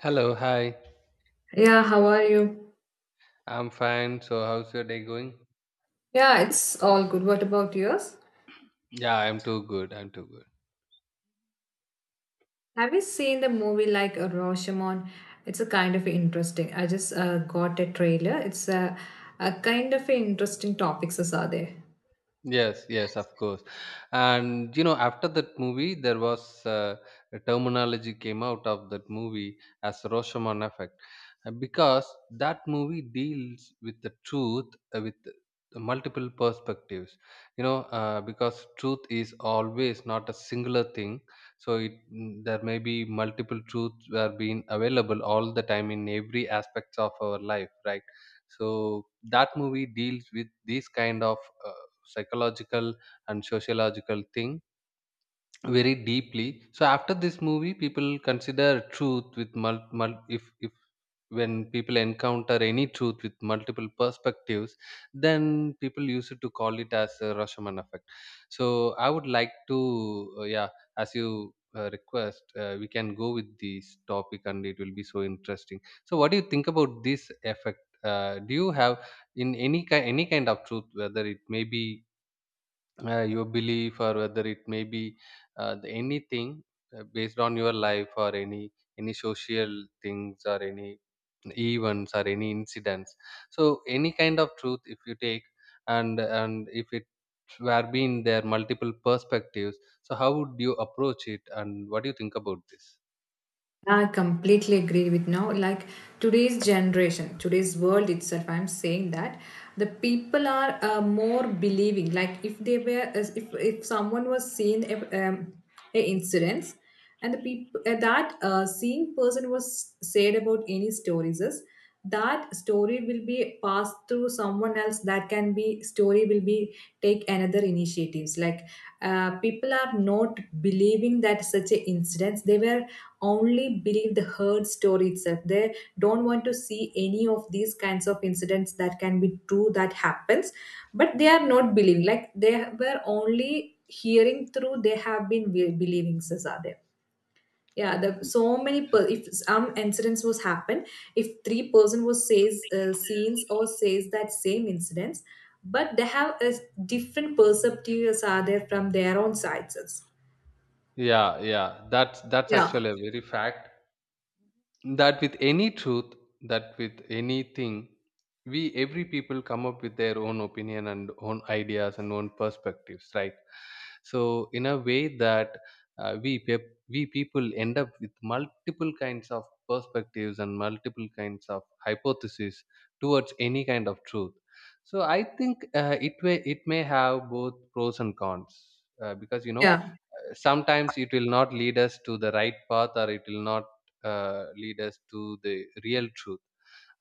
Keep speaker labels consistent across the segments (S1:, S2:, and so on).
S1: Hello, hi.
S2: Yeah, how are you?
S1: I'm fine. So, how's your day going?
S2: Yeah, it's all good. What about yours?
S1: Yeah, I'm too good.
S2: Have you seen the movie like Rashomon? It's a kind of interesting. I just got a trailer. It's a kind of interesting topics as are there.
S1: Yes, yes, of course. And you know, after that movie, there was a terminology came out of that movie as Rashomon effect, because that movie deals with the truth with the multiple perspectives. You know, because truth is always not a singular thing, so there may be multiple truths were being available all the time in every aspects of our life, right? So that movie deals with these kind of uh, psychological and sociological thing very deeply. So after this movie people consider truth with if when people encounter any truth with multiple perspectives, then people used to call it as a Rashomon effect. So I would like to, yeah, as you request, we can go with this topic and it will be so interesting. So what do you think about this effect? Do you have in any kind, any kind of truth, whether it may be your belief or whether it may be the anything, based on your life or any social things or any events or any incidents. So any kind of truth if you take, and if it were being there multiple perspectives, so how would you approach it and what do you think about this?
S2: I completely agree with now. Like today's generation, today's world itself, I'm saying that the people are more believing. Like if they were, as if someone was seen a incidents, and the people that seeing person was said about any stories is that story will be passed through someone else that can be story will be take another initiatives like people are not believing that such a incidents they were only believe the heard story itself. They don't want to see any of these kinds of incidents that can be true that happens, but they are not believing. Like they were only hearing through, they have been believing sasa. Yeah, the so many if some incidents was happen, if three person was says scenes or says that same incidents, but they have a different perspectives are there from their own sides.
S1: Yeah, yeah, that's
S2: Yeah,
S1: actually a very fact, that with any truth, that with anything, we every people come up with their own opinion and own ideas and own perspectives, right? So in a way that, we people end up with multiple kinds of perspectives and multiple kinds of hypotheses towards any kind of truth. So I think, it may have both pros and cons, because you know,
S2: yeah,
S1: sometimes it will not lead us to the right path or it will not lead us to the real truth,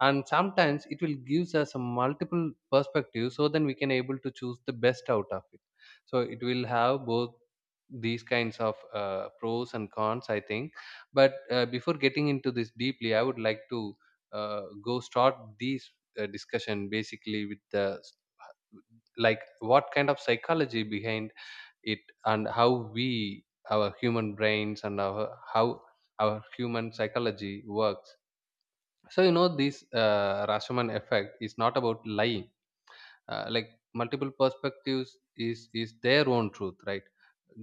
S1: and sometimes it will gives us a multiple perspective, so then we can able to choose the best out of it. So it will have both these kinds of pros and cons, I think. But before getting into this deeply, I would like to go start these discussion basically with the like what kind of psychology behind it and how we, our human brains, and our how our human psychology works. So you know this Rashomon effect is not about lying, like multiple perspectives is their own truth, right?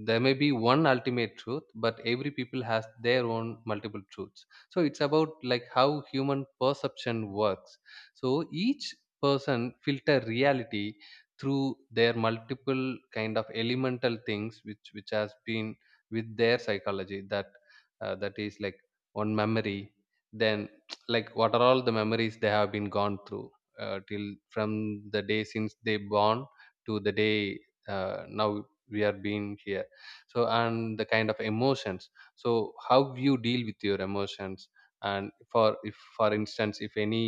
S1: There may be one ultimate truth, but every people has their own multiple truths. So it's about like how human perception works. So each person filter reality through their multiple kind of elemental things which has been with their psychology, that that is like one memory, then like what are all the memories they have been gone through till from the day since they born to the day now we are being here. So and the kind of emotions, so how you deal with your emotions, and for if for instance if any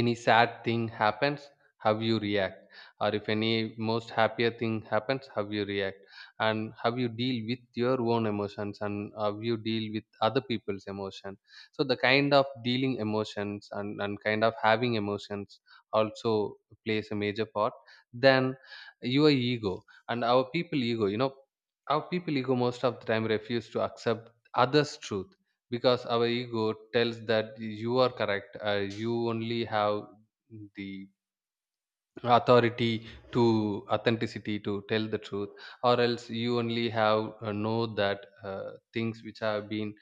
S1: any sad thing happens, how you react, or if any most happier thing happens, how you react, and how you deal with your own emotions and how you deal with other people's emotion. So the kind of dealing emotions and kind of having emotions also plays a major part. Then your ego, and our people ego, you know, our people ego most of the time refuse to accept others truth, because our ego tells that you are correct, you only have the authority to authenticity to tell the truth, or else you only have know that things which have been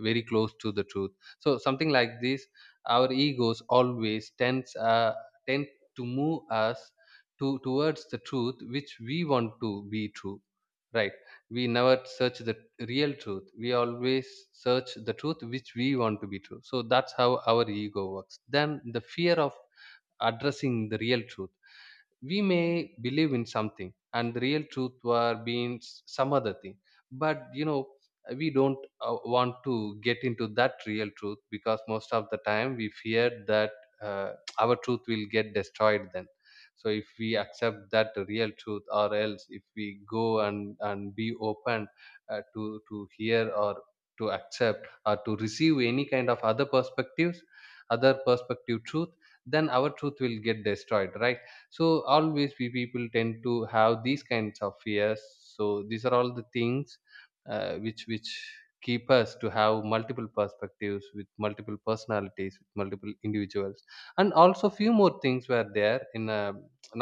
S1: very close to the truth. So something like this, our egos always tend to move us to towards the truth which we want to be true, right? We never search the real truth, we always search the truth which we want to be true. So that's how our ego works. Then the fear of addressing the real truth, we may believe in something and the real truth were being some other thing, but you know we don't want to get into that real truth because most of the time we fear that, uh, our truth will get destroyed then. So if we accept that real truth, or else if we go and be open to hear or to accept or to receive any kind of other perspectives, other perspective truth, then our truth will get destroyed, right? So always we people tend to have these kinds of fears. So these are all the things which keep us to have multiple perspectives with multiple personalities with multiple individuals. And also few more things were there in,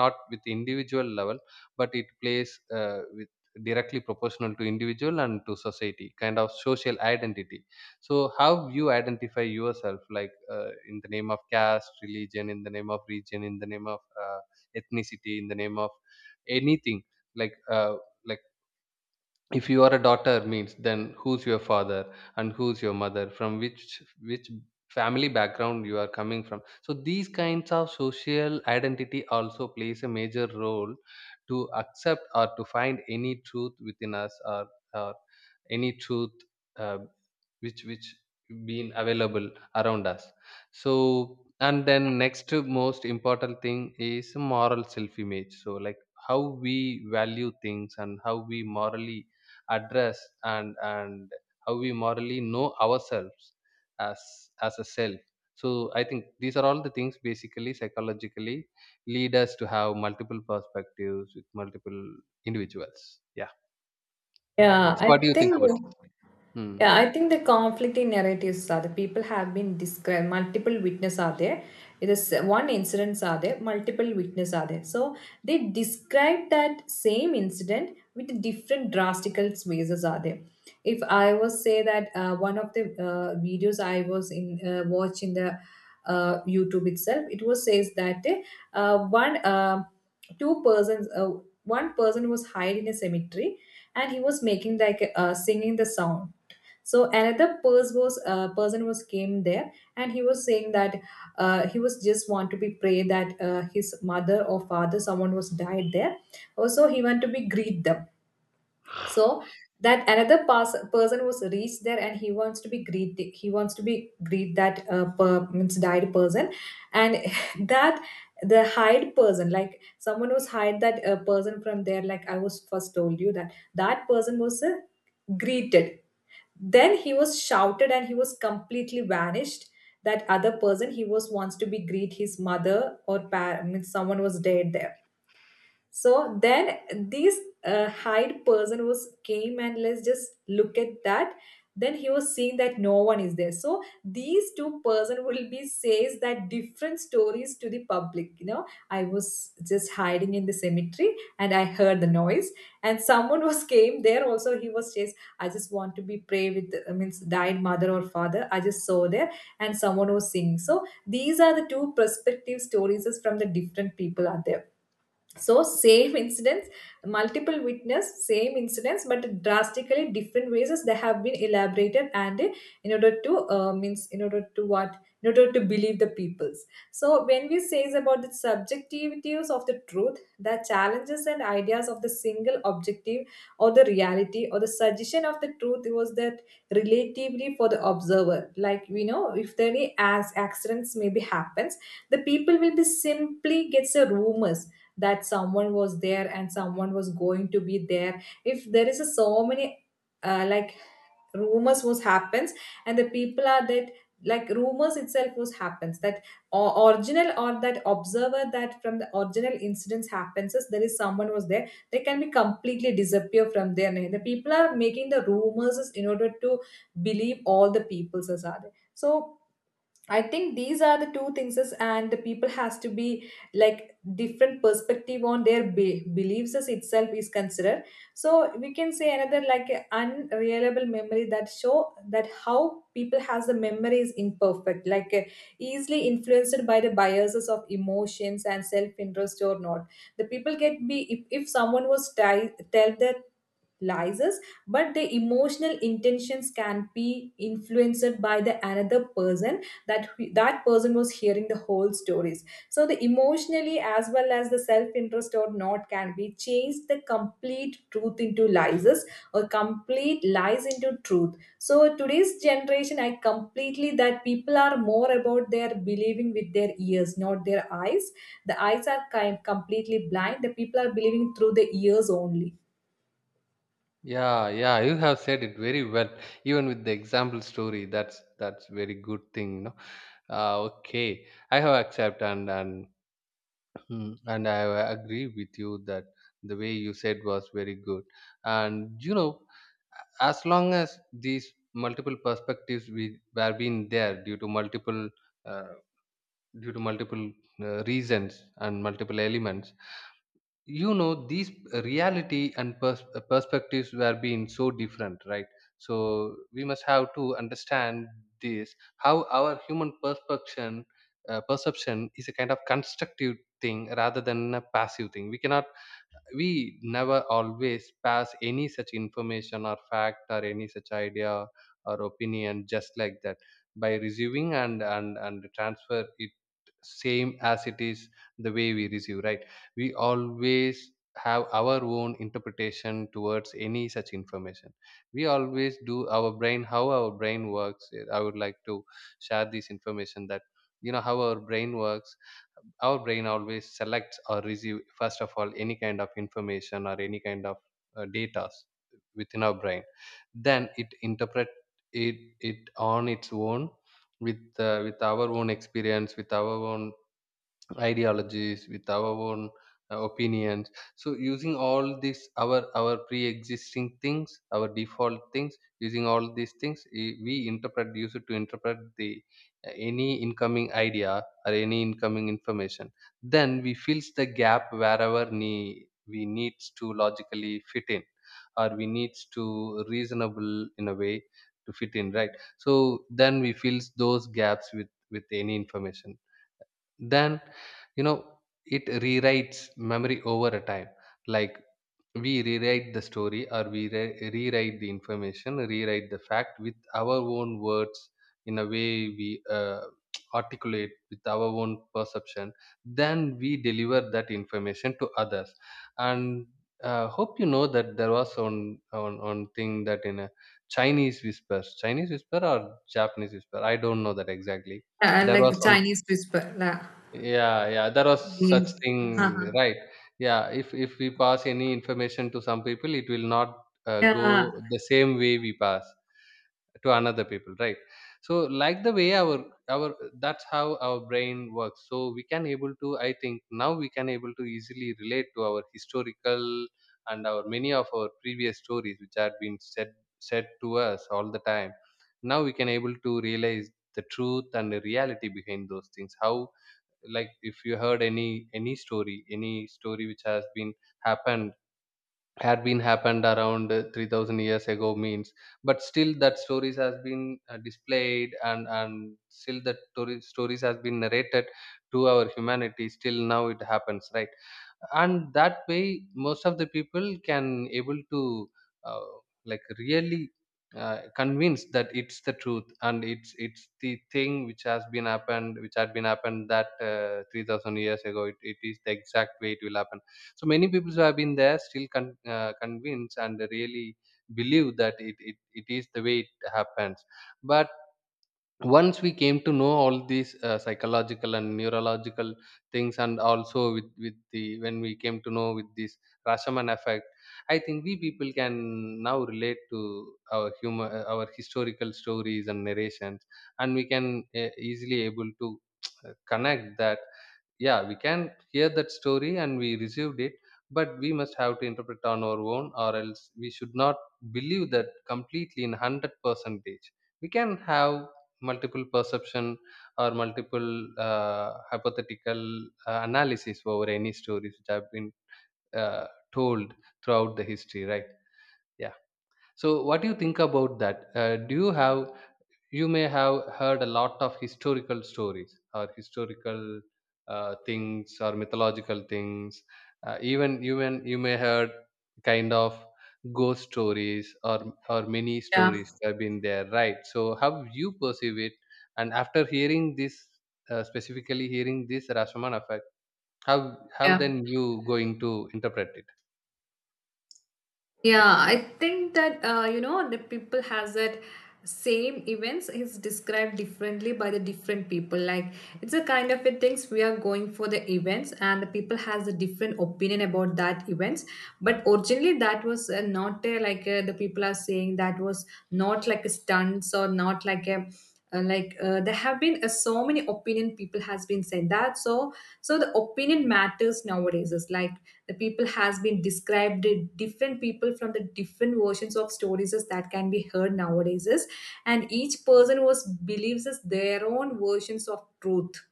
S1: not with individual level, but it plays with directly proportional to individual and to society kind of social identity. So how you identify yourself, like in the name of caste, religion, in the name of region, in the name of ethnicity, in the name of anything. Like like if you are a daughter means, then who's your father and who's your mother, from which family background you are coming from. So these kinds of social identity also plays a major role to accept or to find any truth within us, or any truth uh, which been available around us. So and then next to most important thing is moral self image. So like how we value things and how we morally address and how we morally know ourselves as as a self. So I think these are all the things basically psychologically lead us to have multiple perspectives with multiple individuals, yeah.
S2: yeah,
S1: So
S2: I
S1: what do you think
S2: think.
S1: about it? Hmm.
S2: Yeah, I think the conflicting narratives are the people have been described. Multiple witness are there. It is one incidents are there. Multiple witness are there. So they describe that same incident with different drastical spaces are there. If I was say that one of the videos I was in watch in the YouTube itself, it was says that one two persons one person was hiding in a cemetery and he was making like singing the song. So another person was came there, and he was saying that he was just want to be pray that his mother or father someone was died there. Also, he want to be greet them. So that another person was reached there, and he wants to be greet, he wants to be greet that means died person, and that the hide person like someone was hide that person from there. Like I was first told you that that person was greeted, then he was shouted and he was completely vanished. That other person he was wants to be greet his mother or I someone was dead there. So then this hide person was came and let's just look at that. Then he was seeing that no one is there. So these two-person will be says that different stories to the public. You know, I was just hiding in the cemetery and I heard the noise and someone was came there. Also he was says I just want to be pray with means died mother or father. I just saw there and someone was singing. So these are the two perspective stories is from the different people are there. So same incidents, multiple witness, same incidents, but drastically different ways they have been elaborated and in order to means in order to what, in order to believe the peoples. So when we say is about the subjectivities of the truth, the challenges and ideas of the single objective or the reality or the suggestion of the truth was that relatively for the observer. Like we know if there any as accidents maybe happens, the people will be simply gets a rumors that someone was there and someone was going to be there. If there is a so many like rumors was happens, and the people are that like rumors itself was happens that or original or that observer that from the original incidents happens is there is someone was there. They can be completely disappear from there. The people are making the rumors is in order to believe all the people's as are there. So I think these are the two things, and the people has to be like different perspective on their beliefs as itself is considered. So we can say another like a unreliable memory that show that how people has the memory is imperfect, like easily influenced by the biases of emotions and self interest or not. The people get be if someone was tell their lies us, but the emotional intentions can be influenced by the another person, that that person was hearing the whole stories. So the emotionally as well as the self interest or not can be changed the complete truth into lies or complete lies into truth. So today's generation I completely that people are more about their believing with their ears, not their eyes. The eyes are kind completely blind. The people are believing through the ears only.
S1: Yeah, yeah, you have said it very well, even with the example story. That's very good thing, you know. Okay, I have accepted and mm, and I agree with you that the way you said was very good. And you know, as long as these multiple perspectives we were being there uh, due to multiple reasons and multiple elements, you know these reality and perspectives were being so different, right? So we must have to understand this, how our human perception, perception is a kind of constructive thing rather than a passive thing. We cannot, we never always pass any such information or fact or any such idea or opinion just like that by receiving and transfer it same as it is the way we receive, right? We always have our own interpretation towards any such information. We always do our brain, how our brain works. I would like to share this information, that you know how our brain works. Our brain always selects or receive first of all any kind of information or any kind of data within our brain, then it interpret it on its own with our own experience, with our own ideologies, with our own opinions. So using all these, our pre-existing things, our default things, using all these things, we interpret, use it to interpret the any incoming idea or any incoming information. Then we fills the gap wherever we needs to logically fit in or we needs to reasonable in a way to fit in, right? So then we fills those gaps with any information. Then you know, it rewrites memory over a time. Like we rewrite the story, or we rewrite the information, rewrite the fact with our own words, in a way we articulate with our own perception. Then we deliver that information to others. And hope you know that there was one thing, that in a Chinese whisper or Japanese whisper, I don't know that exactly. There was
S2: Like
S1: one,
S2: Chinese whisper.
S1: yeah, yeah, there was such thing, right? Yeah, if we pass any information to some people, it will not
S2: Yeah,
S1: go the same way we pass to another people, right? So, like the way our that's how our brain works. So we can able to, I think now we can able to easily relate to our historical and our many of our previous stories which had been said said to us all the time. Now we can able to realize the truth and the reality behind those things. How, like, if you heard any story, any story which has been happened had been happened around 3,000 years ago means, but still that stories has been displayed, and still that stories has been narrated to our humanity still now, it happens, right? And that way, most of the people can able to uh, like, really convinced that it's the truth, and it's the thing which has been happened which had been happened that 3,000 years ago, it is the exact way it will happen. So many people who have been there still convinced and really believe that it is the way it happens. But once we came to know all these psychological and neurological things, and also with the, when we came to know with this Rashomon effect, I think we people can now relate to our human, our historical stories and narrations, and we can easily able to connect that. Yeah, we can hear that story and we received it, but we must have to interpret on our own, or else we should not believe that completely in 100 percentage. We can have multiple perception, or multiple hypothetical analysis over any stories which have been uh, told throughout the history, right? Yeah. So what do you think about that? Do you have, you may have heard a lot of historical stories, or historical things, or mythological things. Even you may heard kind of ghost stories, or many
S2: yeah,
S1: stories have been there, right? So how you perceive it, and after hearing this specifically hearing this rasaman effect, how how
S2: yeah.
S1: then you going to interpret it?
S2: Yeah, I think that you know the people has that same events is described differently by the different people. Like it's a kind of a things we are going for the events, and the people has a different opinion about that events. But originally, that was not a, like the people are saying that was not like a stunts or not like a. Like there have been so many opinion people has been said that. So so the opinion matters nowadays is like the people has been described, different people from the different versions of stories is that can be heard nowadays is, and each person was believes is their own versions of truth.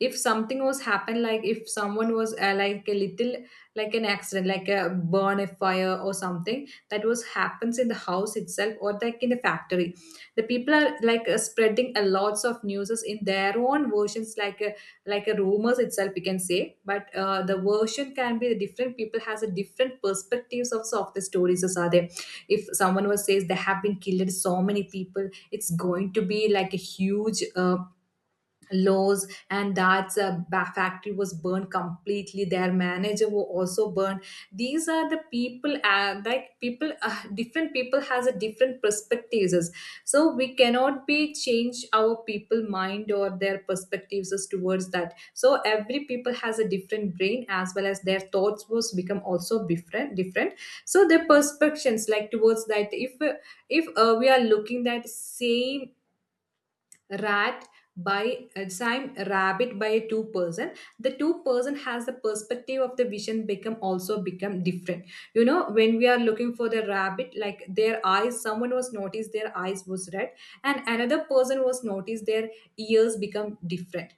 S2: If something was happened, like if someone was like a little, like an accident, like a burn a fire or something that was happens in the house itself or like in the factory, the people are like spreading a lots of news in their own versions like a rumors itself we can say. But the version can be different. People has a different perspectives of the stories as are there. If someone was says there have been killed so many people, it's going to be like a huge laws, and that factory was burned completely, their manager were also burned. These are the people like people different people has a different perspectives. So we cannot be change our people mind or their perspectives as towards that. So every people has a different brain as well as their thoughts was become also different different. So their perspectives like towards that, if we are looking that same rat by time rabbit by two person, the two-person has the perspective of the vision become also become different. You know, when we are looking for the rabbit, like their eyes, someone was noticed their eyes was red and another person was noticed their ears become different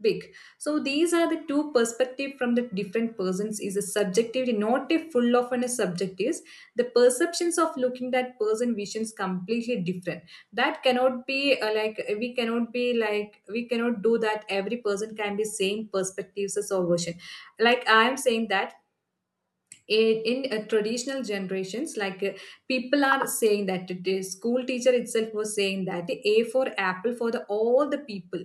S2: big. So these are the two perspective from the different persons is a subjective, not a full of and a subjectives. The perceptions of looking that person visions completely different. That cannot be like we cannot be like we cannot do that every person can be same perspectives as or version. Like I am saying that in traditional generations, like people are saying that the school teacher itself was saying that A for apple for the all the people,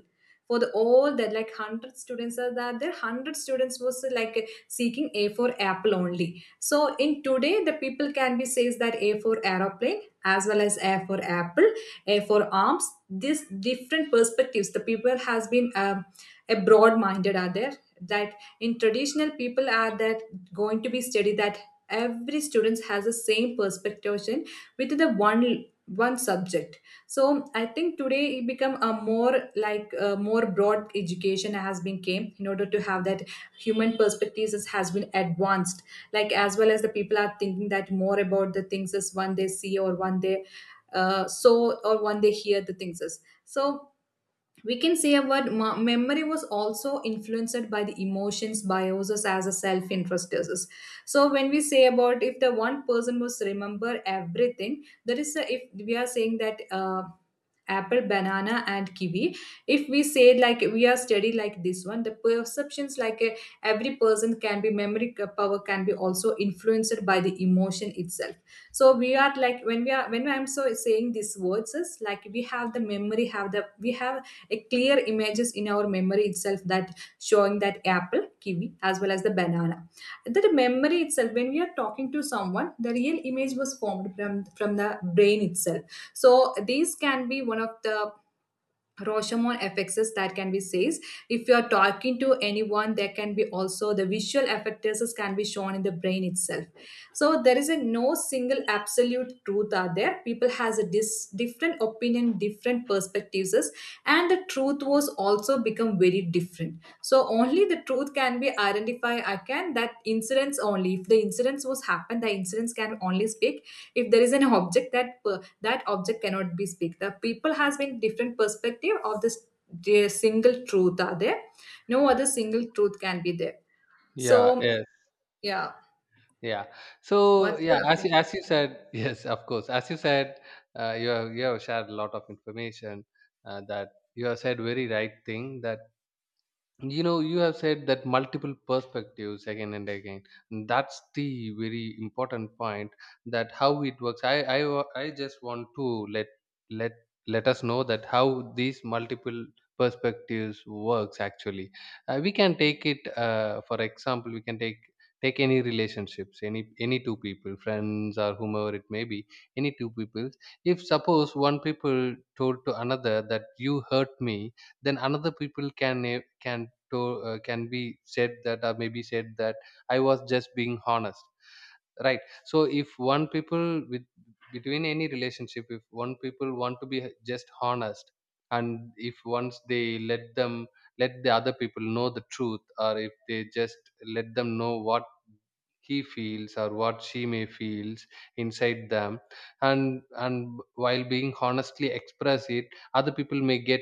S2: for the all that like 100 students are that there 100 students was like seeking A for apple only. So in today the people can be says that A for aeroplane as well as A for apple, A for arms. This different perspectives the people has been a broad minded are there, that in traditional people are that going to be study that every student has the same perspective with the one subject. So I think today it become a more like a more broad education has been came in order to have that human perspectives has been advanced. Like as well as the people are thinking that more about the things as one they see or one they so or one they hear the things is. So we can say about memory was also influenced by the emotions biases as a self-interest is. So when we say about if the one person was remember everything there is a, if we are saying that apple banana and kiwi. If we say like we are study like this one the perceptions like every person can be memory power can be also influenced by the emotion itself. So we are like when we are when I'm so saying these words is like we have the memory have the we have a clear images in our memory itself that showing that apple kiwi as well as the banana. That memory itself when we are talking to someone the real image was formed from the brain itself. So these can be one of the Rashomon effects that can be says. If you are talking to anyone there can be also the visual effects can be shown in the brain itself. So there is a no single absolute truth are there, people has a different opinion different perspectives, and the truth was also become very different. So only the truth can be identified again that incidents, only if the incidents was happened the incidents can only speak. If there is an object that that object cannot be speak, the people has been different perspective of this. The single truth are there, no other single truth can be there.
S1: Yeah,
S2: So
S1: yeah.
S2: yeah.
S1: Yeah. So
S2: What's
S1: yeah,
S2: your opinion?
S1: as you said, yes, of course. As you said, you have shared a lot of information, that you have said very right thing, that you know, you have said that multiple perspectives again and again. That's the very important point, that how it works. I just want to let let us know that how these multiple perspectives works actually. We can take it, for example, we can take any relationships, any two people, friends or whomever it may be, any two people. If suppose one people told to another that you hurt me, then another people can eh, can to can be said that, or maybe said that, I was just being honest. Right. So if one people, with between any relationship, if one people want to be just honest, and if once they let the other people know the truth, or if they just let them know what he feels, or what she may feels inside them, and while being honestly express it, other people may get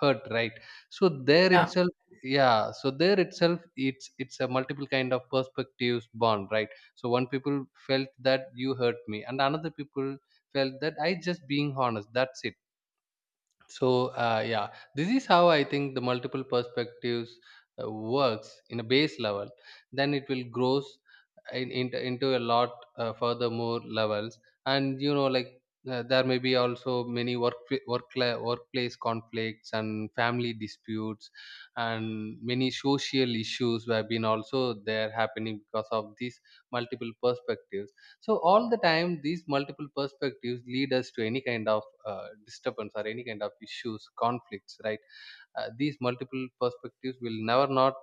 S1: hurt. Right. So there
S2: Yeah,
S1: itself, yeah. So there itself, it's a multiple kind of perspectives bond. Right. So one people felt that you hurt me, and another people felt that I just being honest, that's it. So yeah, this is how I think the multiple perspectives works in a base level, then it will grows into a lot further more levels. And you know, like there may be also many workplace conflicts and family disputes, and many social issues have been also there happening because of these multiple perspectives. So all the time, these multiple perspectives lead us to any kind of disturbance or any kind of issues, conflicts, right? These multiple perspectives will never not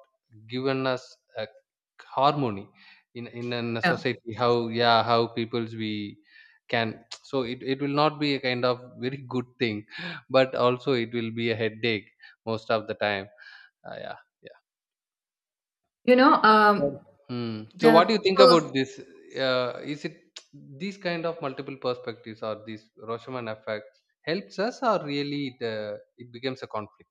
S1: given us a harmony in a
S2: yeah.
S1: society. How, yeah, how peoples we can. So it will not be a kind of very good thing, but also it will be a headache most of the time. Yeah.
S2: you know
S1: So,
S2: um
S1: hmm.
S2: the
S1: So, what do you think about this? Is it these kind of multiple perspectives or these Roshoman effects helps us, or really it, it becomes a conflict?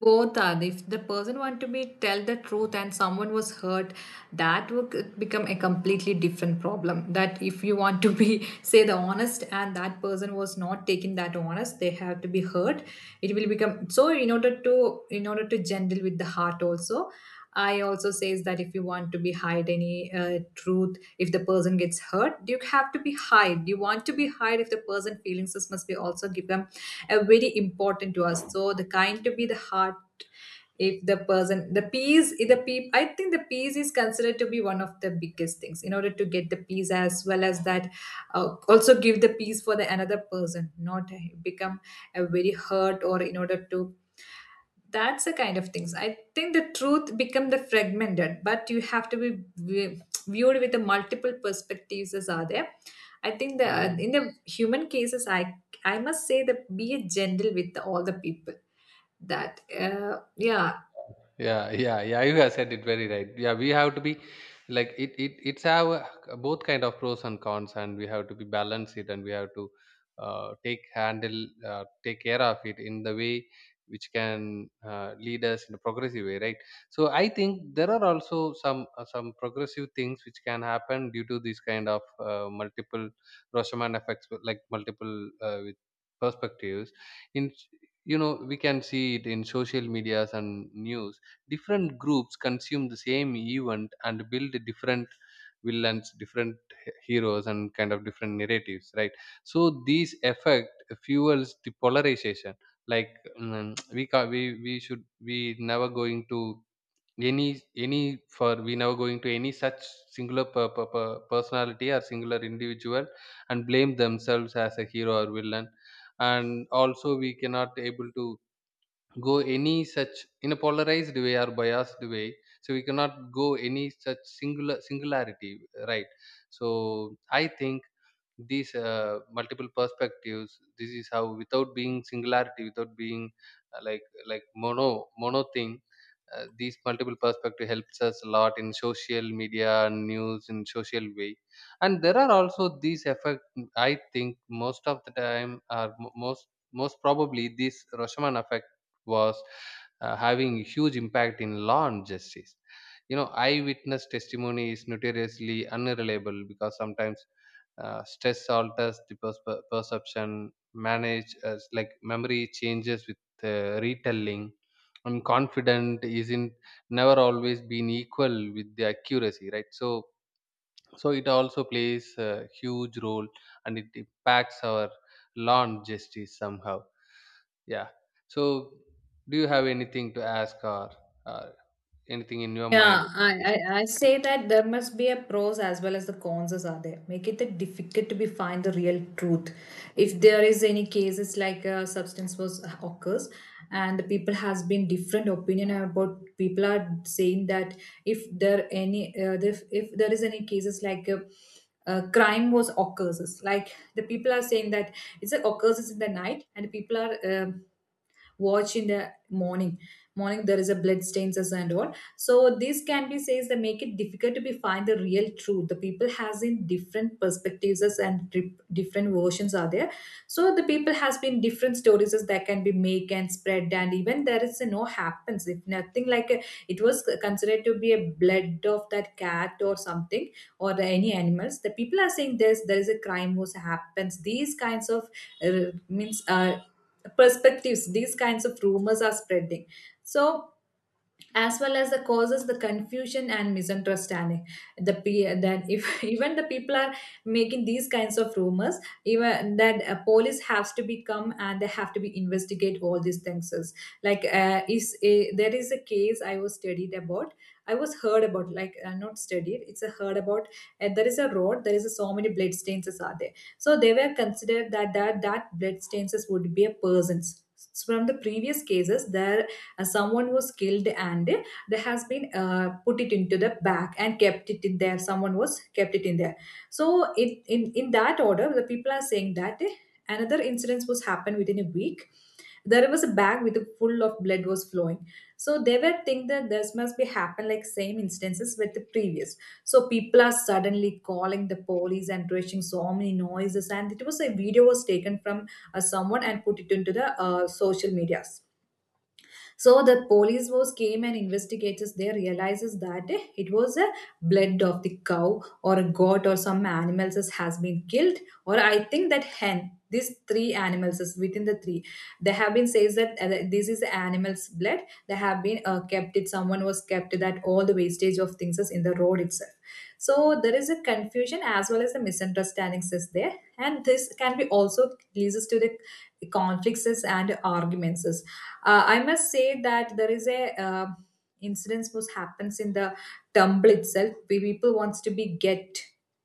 S2: both are, if the person want to be tell the truth and someone was hurt, that would become a completely different problem. That if you want to be say the honest and that person was not taking that honest they have to be hurt. It will become so in order to gentle with the heart also. I also says that if you want to be hide any truth, if the person gets hurt you have to be hide, you want to be hide, if the person feelings must be also given are very important to us. So the kind to be the heart. If the person the peace, if the peep, I think the peace is considered to be one of the biggest things in order to get the peace as well as that also give the peace for the another person not become a very hurt or in order to, that's the kind of things. I think the truth become the fragmented but you have to be viewed with the multiple perspectives as are there. I think the in the human cases I must say that be gentle with all the people. That yeah.
S1: Yeah, yeah, yeah, you have said it very right. Yeah, we have to be like it, it's have a- both kind of pros and cons, and we have to be balance it, and we have to take care of it in the way which can lead us in a progressive way, right? So I think there are also some progressive things which can happen due to this kind of multiple roshaman effects, like multiple with perspectives in, you know, we can see it in social medias and news. Different groups consume the same event and build different villains, different heroes, and kind of different narratives, right? So these effect fuels the polarization, like, mm, we we should, we never going to any any, for we never going to any such singular personality or singular individual, and blame themselves as a hero or villain. And also we cannot able to go any such in a polarized way or biased way. So we cannot go any such singularity, right? So I think these multiple perspectives, this is how without being singularity, without being uh, like like mono thing, these multiple perspective helps us a lot in social media news, in social way. And there are also these effect, I think, most of the time, or most, most probably this roshaman effect was having huge impact in law and justice. You know, eyewitness testimony is notoriously unreliable, because sometimes stress alters the pers- perception manage, as like memory changes with retelling. I'm confident isn't never always been equal with the accuracy, right? So, so it also plays a huge role, and it impacts our lawn justice somehow. Yeah. So, do you have anything to ask, or uh, anything in your mind
S2: Yeah,
S1: about
S2: I,
S1: this?
S2: I, I say that there must be a pros as well as the cons as are there. Make it that difficult to be find the real truth. If there is any cases like a substance was occurs and the people has been different opinion about, people are saying that if there any if, there is any cases like a, crime was occurs, like the people are saying that it's a occurs in the night and people are watch in the morning, there is a blood stains as and all. So this can be says that make it difficult to be find the real truth, the people has in different perspectives as and different versions are there. So the people has been different stories as that can be make and spread, and even there is a no happens if nothing like a, it was considered to be a blood of that cat or something, or the, any animals the people are saying there's there is a crime was happens. These kinds of means perspectives these kinds of rumors are spreading. So as well as the causes the confusion and misunderstanding, that if even the people are making these kinds of rumors, even that police has to be come and they have to be investigate all these things is like is a, there is a case I was studied about, I was heard about, like not studied it's a heard about. There is a road there is a, so many blood stains is are there. So they were considered that that blood stains is would be a person's. So from the previous cases there someone was killed and there has been put it into the bag and kept it in there, someone was kept it in there. So it, in that order the people are saying that another incident was happened within a week. There was a bag with a full of blood was flowing. So they were think that this must be happened like same instances with the previous. So people are suddenly calling the police and raising so many noises, and it was a video was taken from someone and put it into the social media. So the police was came and investigators there realizes that it was a blood of the cow or a goat or some animals that has been killed, or I think that hen, these three animals is within the three they have been says that this is the animal's blood. They have been kept it, someone was kept that all the wastage of things is in the road itself. So there is a confusion as well as the misunderstandings is there, and this can be also leads us to the conflicts and arguments. I must say that there is a incidence which happens in the tumble itself. We people wants to be get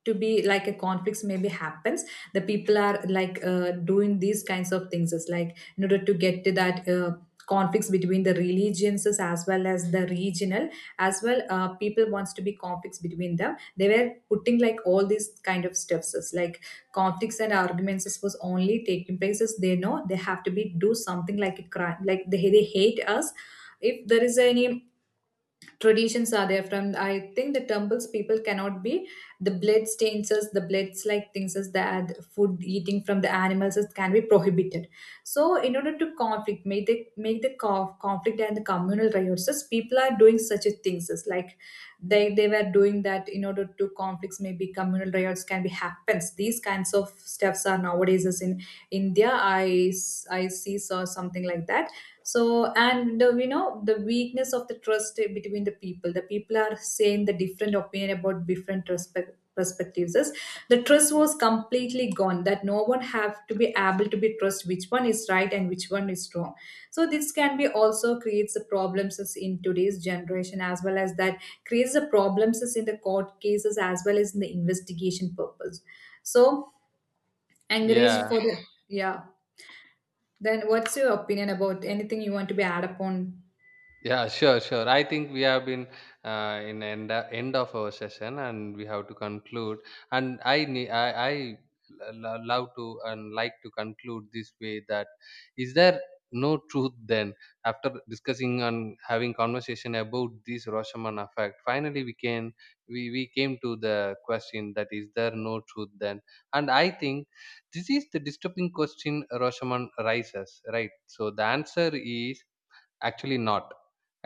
S2: to be like a conflicts maybe happens. The people are like doing these kinds of things. It's like in order to get to that. Conflicts between the religions as well as the regional as well people wants to be conflicts between them, they were putting like all these kind of stuffs is like conflicts and arguments was only taking places. They know they have to be do something like a crime, like they hate us. If there is any traditions are there from I think the temples, people cannot be the blood stains as the bloods like things as that food eating from the animals is, can be prohibited. So in order to conflict, make the conflict and the communal riots, as people are doing such a things as like they were doing that in order to conflicts, maybe communal riots can be happens. These kinds of stuffs are nowadays as in India, I see saw something like that. So and you know the weakness of the trust between the people, the people are saying the different opinion about different respect perspectives is the trust was completely gone, that no one have to be able to be trust which one is right and which one is wrong. So this can be also creates the problems as in today's generation, as well as that creates the problems as in the court cases as well as in the investigation purpose. So encourage
S1: Yeah.
S2: for the, yeah. Then what's your opinion about anything you want to be add upon?
S1: Yeah, sure, sure. I think we have been in end end of our session, and we have to conclude. And I lo- love to and like to conclude this way, that is there no truth then, after discussing and having conversation about this Roshaman effect. Finally, we can, we came to the question that is there no truth then. And I think this is the disturbing question Roshaman raises, right? So the answer is actually not.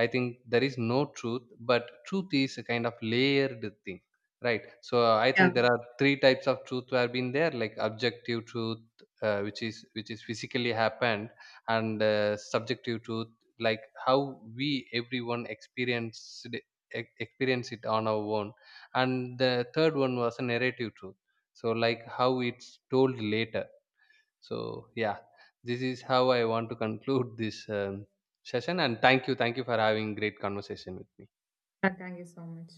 S1: I think there is no truth, but truth is a kind of layered thing, right? So I
S2: Yeah.
S1: think there are three types of truth who have been there, like objective truth, which is, which is physically happened, and subjective truth, like how we everyone e- experience it on our own, and the third one was a narrative truth, so like how it's told later. So yeah, this is how I want to conclude this session. And thank you for having great conversation with me.
S2: Yeah, thank you so much.